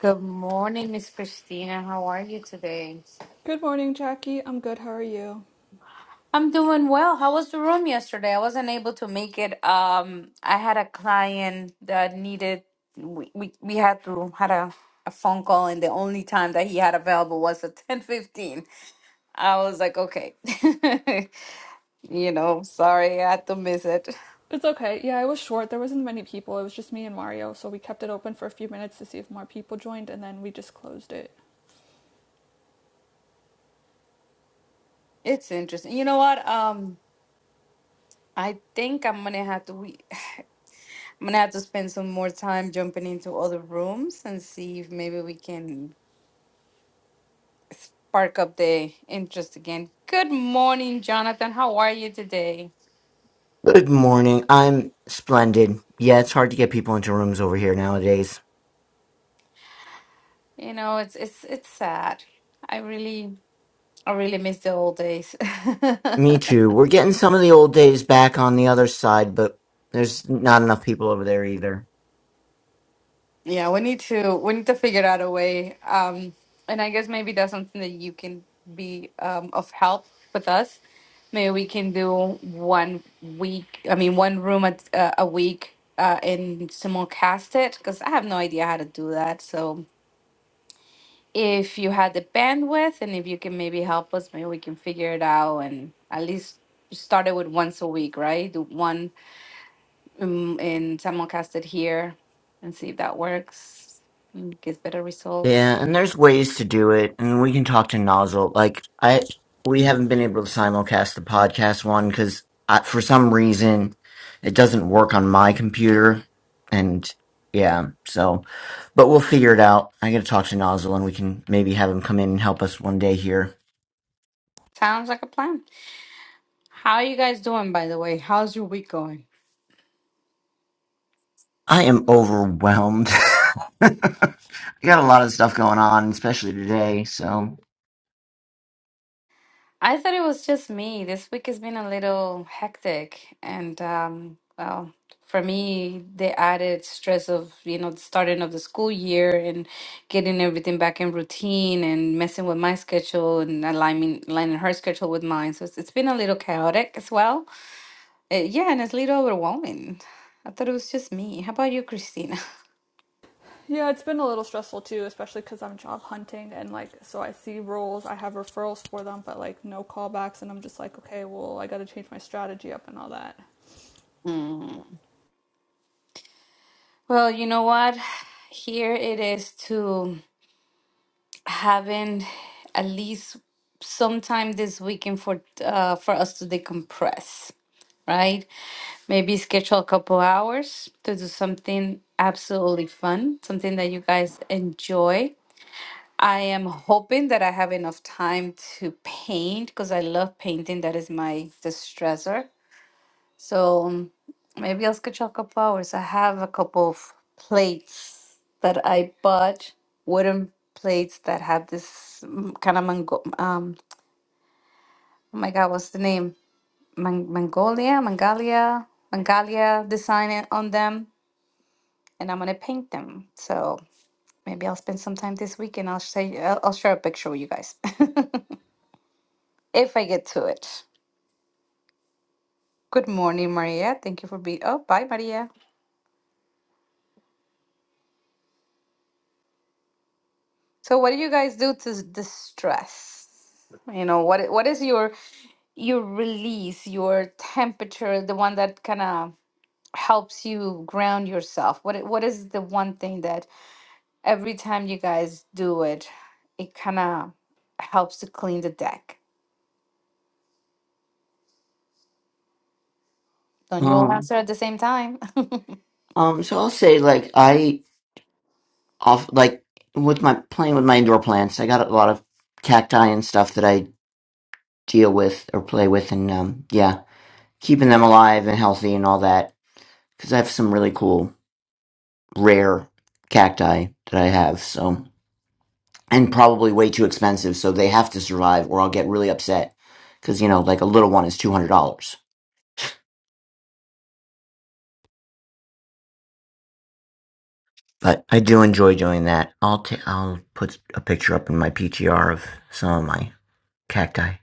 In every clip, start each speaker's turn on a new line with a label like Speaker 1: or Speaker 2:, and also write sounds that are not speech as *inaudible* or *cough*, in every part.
Speaker 1: Good morning, Miss Christina. How are you today?
Speaker 2: Good morning, Jackie. I'm good. How are you?
Speaker 1: I'm doing well. How was the room yesterday? I wasn't able to make it. Um, I had a client that needed we we, we had to had a, a phone call and the only time that he had available was at *laughs* 10:15. I was like, okay. *laughs* You know, sorry, I had to miss it.
Speaker 2: It's okay. Yeah, it was short. There wasn't many people. It was just me and Mario, so we kept it open for a few minutes to see if more people joined, and then we just closed it.
Speaker 1: It's interesting. You know what? Um, I think I'm gonna have to we *sighs* I'm gonna have to spend some more time jumping into other rooms and see if maybe we can spark up the interest again. Good morning, Jonathan. How are you today?
Speaker 3: Good morning. I'm splendid. Yeah, it's hard to get people into rooms over here nowadays.
Speaker 1: You know, it's it's it's sad. I really I really miss the old days. *laughs*
Speaker 3: Me too. We're getting some of the old days back on the other side, but there's not enough people over there either.
Speaker 1: Yeah, we need to we need to figure out a way. Um, and I guess maybe that's something that you can be um of help with us. Maybe we can do one week, I mean one room at, uh, a week uh and simulcast it because I have no idea how to do that. So if you had the bandwidth and if you can maybe help us, maybe we can figure it out and at least start it with once a week, right? Do one um, and simulcast it here and see if that works and gives better results.
Speaker 3: Yeah, and there's ways to do it, and we can talk to Nozzle. Like I, we haven't been able to simulcast the podcast one because for some reason it doesn't work on my computer, and yeah, so but we'll figure it out. I gotta talk to Nozzle, and we can maybe have him come in and help us one day here.
Speaker 1: Sounds like a plan. How are you guys doing, by the way? How's your week going?
Speaker 3: I am overwhelmed. *laughs* I got a lot of stuff going on, especially today. So,
Speaker 1: I thought it was just me. This week has been a little hectic, and um, well, for me, the added stress of, you know, the starting of the school year and getting everything back in routine and messing with my schedule and aligning aligning her schedule with mine. So it's, it's been a little chaotic as well. Uh, yeah, and it's a little overwhelming. I thought it was just me. How about you, Christina? *laughs*
Speaker 2: Yeah, it's been a little stressful too, especially because I'm job hunting and like, so I see roles, I have referrals for them, but like no callbacks, and I'm just like, okay, well, I got to change my strategy up and all that.
Speaker 1: Mm. Well, you know what? Here it is to. having at least sometime this weekend for uh, for us to decompress, right? Maybe schedule a couple hours to do something absolutely fun, something that you guys enjoy. I am hoping that I have enough time to paint because I love painting. That is my distressor. So um, maybe I'll sketch you a couple hours. I have a couple of plates that I bought, wooden plates that have this kind of mango. Um, oh my God, what's the name? Man- Mongolia, Mangalia, Mangalia design it on them, and I'm gonna paint them. So maybe I'll spend some time this weekend. I'll say I'll, I'll share a picture with you guys *laughs* if I get to it. Good morning, Maria. Thank you for being. Oh, bye, Maria. So what do you guys do to s- distress? You know, what i- what is your your release, your temperature, the one that kind of helps you ground yourself? What i- what is the one thing that every time you guys do it, it kind of helps to clean the deck? Don't you all
Speaker 3: um,
Speaker 1: answer at the same time? *laughs*
Speaker 3: um, so I'll say like I off like with my playing with my indoor plants. I got a lot of cacti and stuff that I deal with or play with, and um, yeah, keeping them alive and healthy and all that. Because I have some really cool rare cacti that I have. So, and probably way too expensive, so they have to survive, or I'll get really upset. Because you know, like a little one is two hundred dollars. But I do enjoy doing that. I'll t- I'll put a picture up in my PTR of some of my cacti.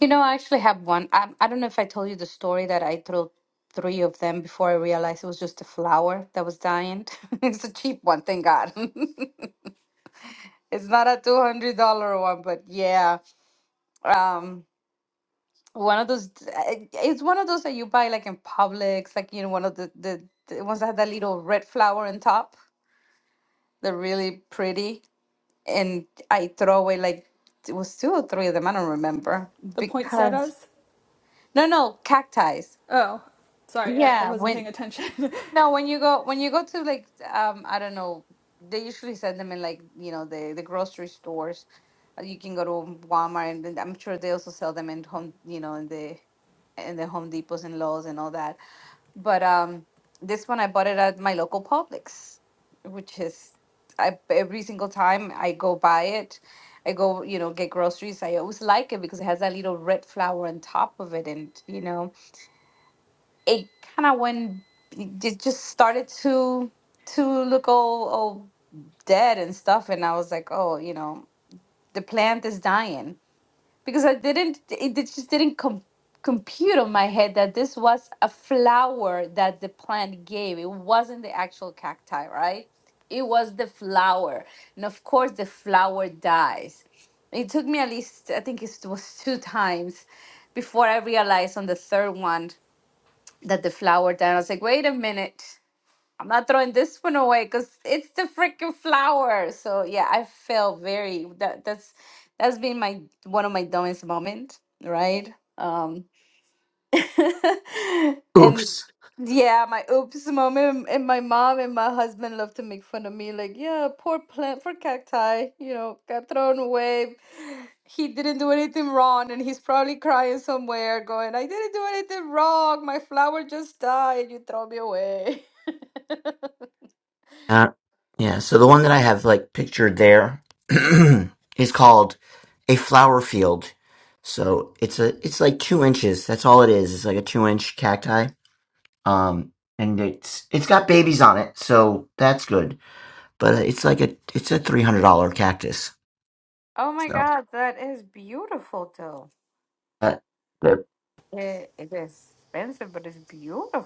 Speaker 1: You know, I actually have one. I, I don't know if I told you the story that I threw three of them before I realized it was just a flower that was dying. *laughs* it's a cheap one, thank God. *laughs* It's not a two hundred dollar one, but yeah, um, one of those. I- It's one of those that you buy like in Publix, like you know, one of the the, the ones that have that little red flower on top. They're really pretty, and I throw away like it was two or three of them. I don't remember
Speaker 2: The
Speaker 1: because
Speaker 2: poinsettias?
Speaker 1: no, no cacti.
Speaker 2: Oh, sorry, I, I
Speaker 1: Yeah,
Speaker 2: wasn't
Speaker 1: when
Speaker 2: paying attention.
Speaker 1: No, when you go when you go to like um I don't know, they usually send them in like, you know, the the grocery stores. Uh, You can go to Walmart and then I'm sure they also sell them in home, you know, in the in the Home Depots and Lowe's and all that. But um this one I bought it at my local Publix, which is I every single time I go buy it, I go, you know, get groceries. I always like it because it has that little red flower on top of it and, you know, it kind of went it just started to to look all all dead and stuff and i was like oh you know the plant is dying because i didn't it it just didn't com- compute on my head that this was a flower that the plant gave it wasn't the actual cacti right it was the flower and of course the flower dies it took me at least i think it was two times before i realized on the third one that the flower down. I was like, wait a minute, I'm not throwing this one away because it's the freaking flower. So yeah, I felt very that that's that's been my one of my dumbest moment, right? Um, *laughs* and
Speaker 3: Oops.
Speaker 1: yeah, my oops moment. And my mom and my husband love to make fun of me, like, yeah, poor plant for cacti, you know, got thrown away. He didn't do anything wrong, and he's probably crying somewhere, going, I didn't do anything wrong. My flower just died. You throw me away. *laughs*
Speaker 3: Uh, yeah. So the one that I have like pictured there *clears throat* is called a flower field. So it's a it's like two inches. That's all it is. It's like a two inch cacti. Um, and it's it's got babies on it, so that's good. But uh, it's like a it's a three hundred dollar cactus.
Speaker 1: Oh my
Speaker 3: So
Speaker 1: God, that is beautiful though.
Speaker 3: uh,
Speaker 1: It, it is expensive, but it's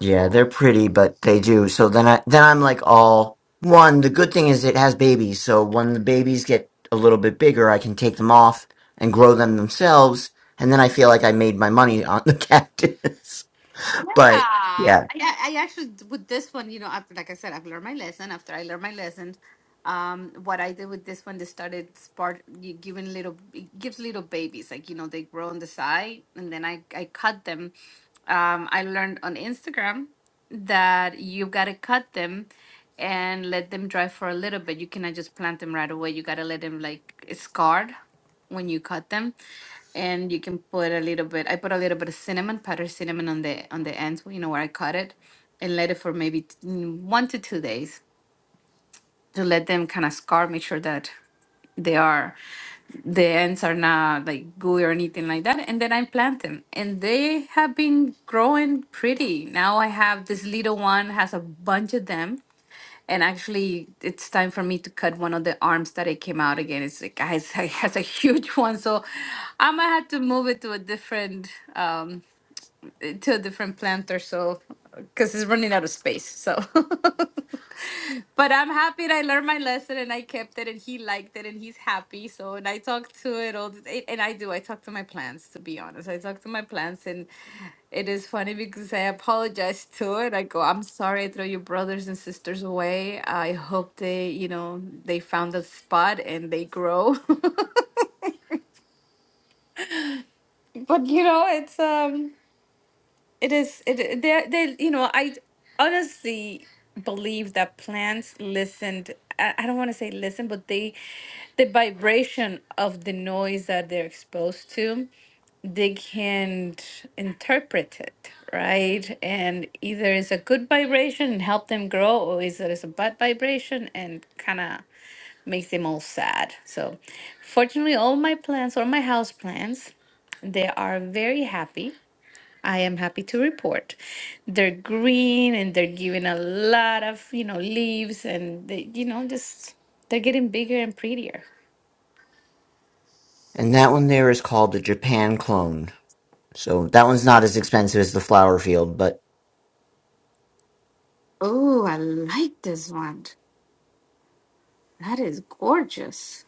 Speaker 3: Yeah, they're pretty, but they do. So then I then I'm like all one, the good thing is it has babies, so when the babies get a little bit bigger, I can take them off and grow them themselves, and then I feel like I made my money on the *laughs* cactus.
Speaker 1: Yeah,
Speaker 3: But
Speaker 1: I,
Speaker 3: yeah,
Speaker 1: I actually with this one, you know, after like I said, I've learned my lesson. After I learned my lesson, um, what I did with this one, they started spark you giving little, it gives little babies, like you know, they grow on the side, and then I I cut them. Um, I learned on Instagram that you gotta cut them and let them dry for a little bit. You cannot just plant them right away. You gotta let them like scarred when you cut them and you can put a little bit i put a little bit of cinnamon powdered cinnamon on the on the ends you know where i cut it and let it for maybe t- mm, one to two days to let them kind of scar make sure that they are the ends are not like gooey or anything like that and then i plant them and they have been growing pretty now i have this little one has a bunch of them and actually, it's time for me to cut one of the arms that it came out again. It's like, guys, *laughs* it has a huge one, so I might have to move it to a different, um, eh, to a different plant or so, because it's running out of space. So *laughs* But I'm happy that I learned my lesson and I kept it and he liked it and he's happy. So and I talk to it all the day and I do. I talk to my plants to be honest. I talk to my plants and it is funny because I apologize to it. I go, I'm sorry I throw your brothers and sisters away. I hope they, you know, they found a spot and they grow. *laughs* but you know, it's um It is it they they you know I honestly believe that plants listened I, I don't want to say listen but they the vibration of the noise that they're exposed to they can interpret it right and either it's a good vibration and help them grow or is it is a bad vibration and kind of makes them all sad so fortunately all my plants or my house plants they are very happy I am happy to report. They're green and they're giving a lot of, you know, leaves and they, you know, just they're getting bigger and prettier.
Speaker 3: and that one there is called the Japan clone. So that one's not as expensive as the flower field, but
Speaker 1: Oh, I like this one. That is gorgeous.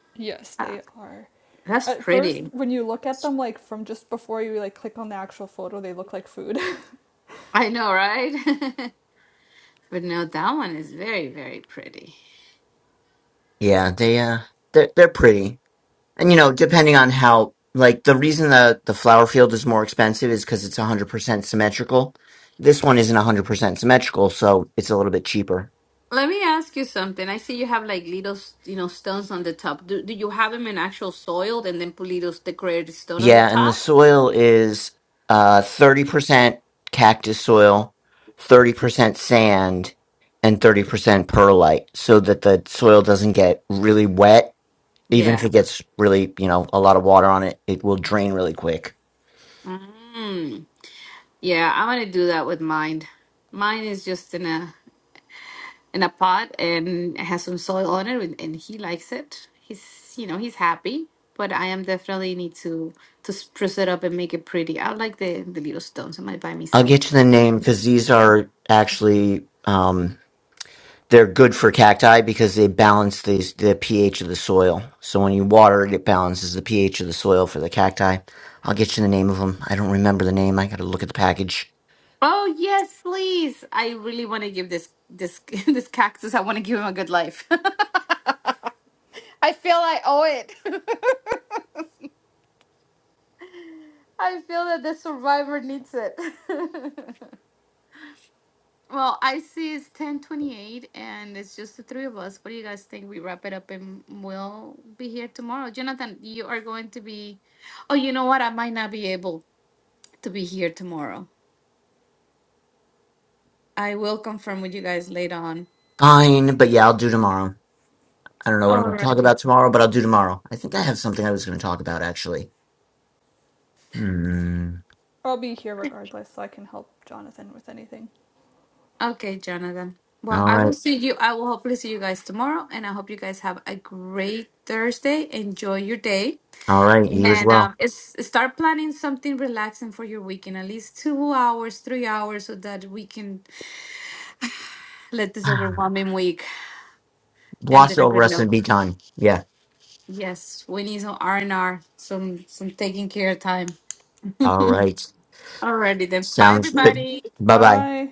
Speaker 2: *laughs* yes,
Speaker 1: Ah,
Speaker 2: they are.
Speaker 1: that's
Speaker 2: At first,
Speaker 1: pretty.
Speaker 2: when you look at them, like from just before you like click on the actual photo, they look like food.
Speaker 1: I know, right? *laughs* But no, that one is very, very pretty.
Speaker 3: yeah, they uh they're they're pretty. And you know, depending on how, like the reason the the flower field is more expensive is because it's 100% symmetrical. This one isn't 100% symmetrical, so it's a little bit cheaper.
Speaker 1: Let me ask you something. I see you have like little, s- you know, stones on the top. Do, do you have them in actual soil and then put little decorated stone on the
Speaker 3: Yeah, and the
Speaker 1: top?
Speaker 3: soil is uh 30% cactus soil, 30% sand, and 30% perlite, so that the soil doesn't get really wet. Even if
Speaker 1: Yeah.
Speaker 3: it gets really, you know, a lot of water on it, it will drain really quick.
Speaker 1: Mm. Yeah, I want to do that with mine. Mine is just in a in a pot and it has some soil on it, and and he likes it. He's you know he's happy, but I am definitely need to to spruce it up and make it pretty. I like the the little stones. I might buy me
Speaker 3: I'll
Speaker 1: some.
Speaker 3: get you the name because these are actually um They're good for cacti because they balance the, the pH of the soil. So when you water it, it balances the pH of the soil for the cacti. I'll get you the name of them. I don't remember the name. I got to look at the package.
Speaker 1: Oh yes, please! I really want to give this this *laughs* this cactus. I want to give him a good life. *laughs* I feel I owe it. *laughs* I feel that the survivor needs it. *laughs* Well, I see it's 10:28 and it's just the three of us. What do you guys think? We wrap it up and we'll be here tomorrow. Jonathan, you are going to be Oh, you know what? I might not be able to be here tomorrow. I will confirm with you guys later on.
Speaker 3: Fine, but yeah, I'll do tomorrow. I don't know what I'm going to talk
Speaker 1: Alrighty.
Speaker 3: about tomorrow, but I'll do tomorrow. I think I have something I was going to talk about actually. Hmm.
Speaker 2: I'll be here regardless, so I can help Jonathan with anything.
Speaker 1: Okay, Jonathan. Well,
Speaker 3: All
Speaker 1: I will
Speaker 3: right.
Speaker 1: see you. I will hopefully see you guys tomorrow, and I hope you guys have a great Thursday. Enjoy your day,
Speaker 3: All right. You as
Speaker 1: and um,
Speaker 3: well.
Speaker 1: it's, start planning something relaxing for your weekend. At least two hours, three hours, so that we can let this
Speaker 3: *sighs*
Speaker 1: overwhelming week end
Speaker 3: Wash
Speaker 1: in a
Speaker 3: over
Speaker 1: good
Speaker 3: us and
Speaker 1: note.
Speaker 3: be done. Yeah.
Speaker 1: Yes, we need some R and R, some some taking care of time. *laughs*
Speaker 3: All
Speaker 1: Alrighty
Speaker 3: right.
Speaker 1: then. Bye
Speaker 3: Sounds good.
Speaker 1: everybody.
Speaker 3: Bye bye.
Speaker 2: Bye.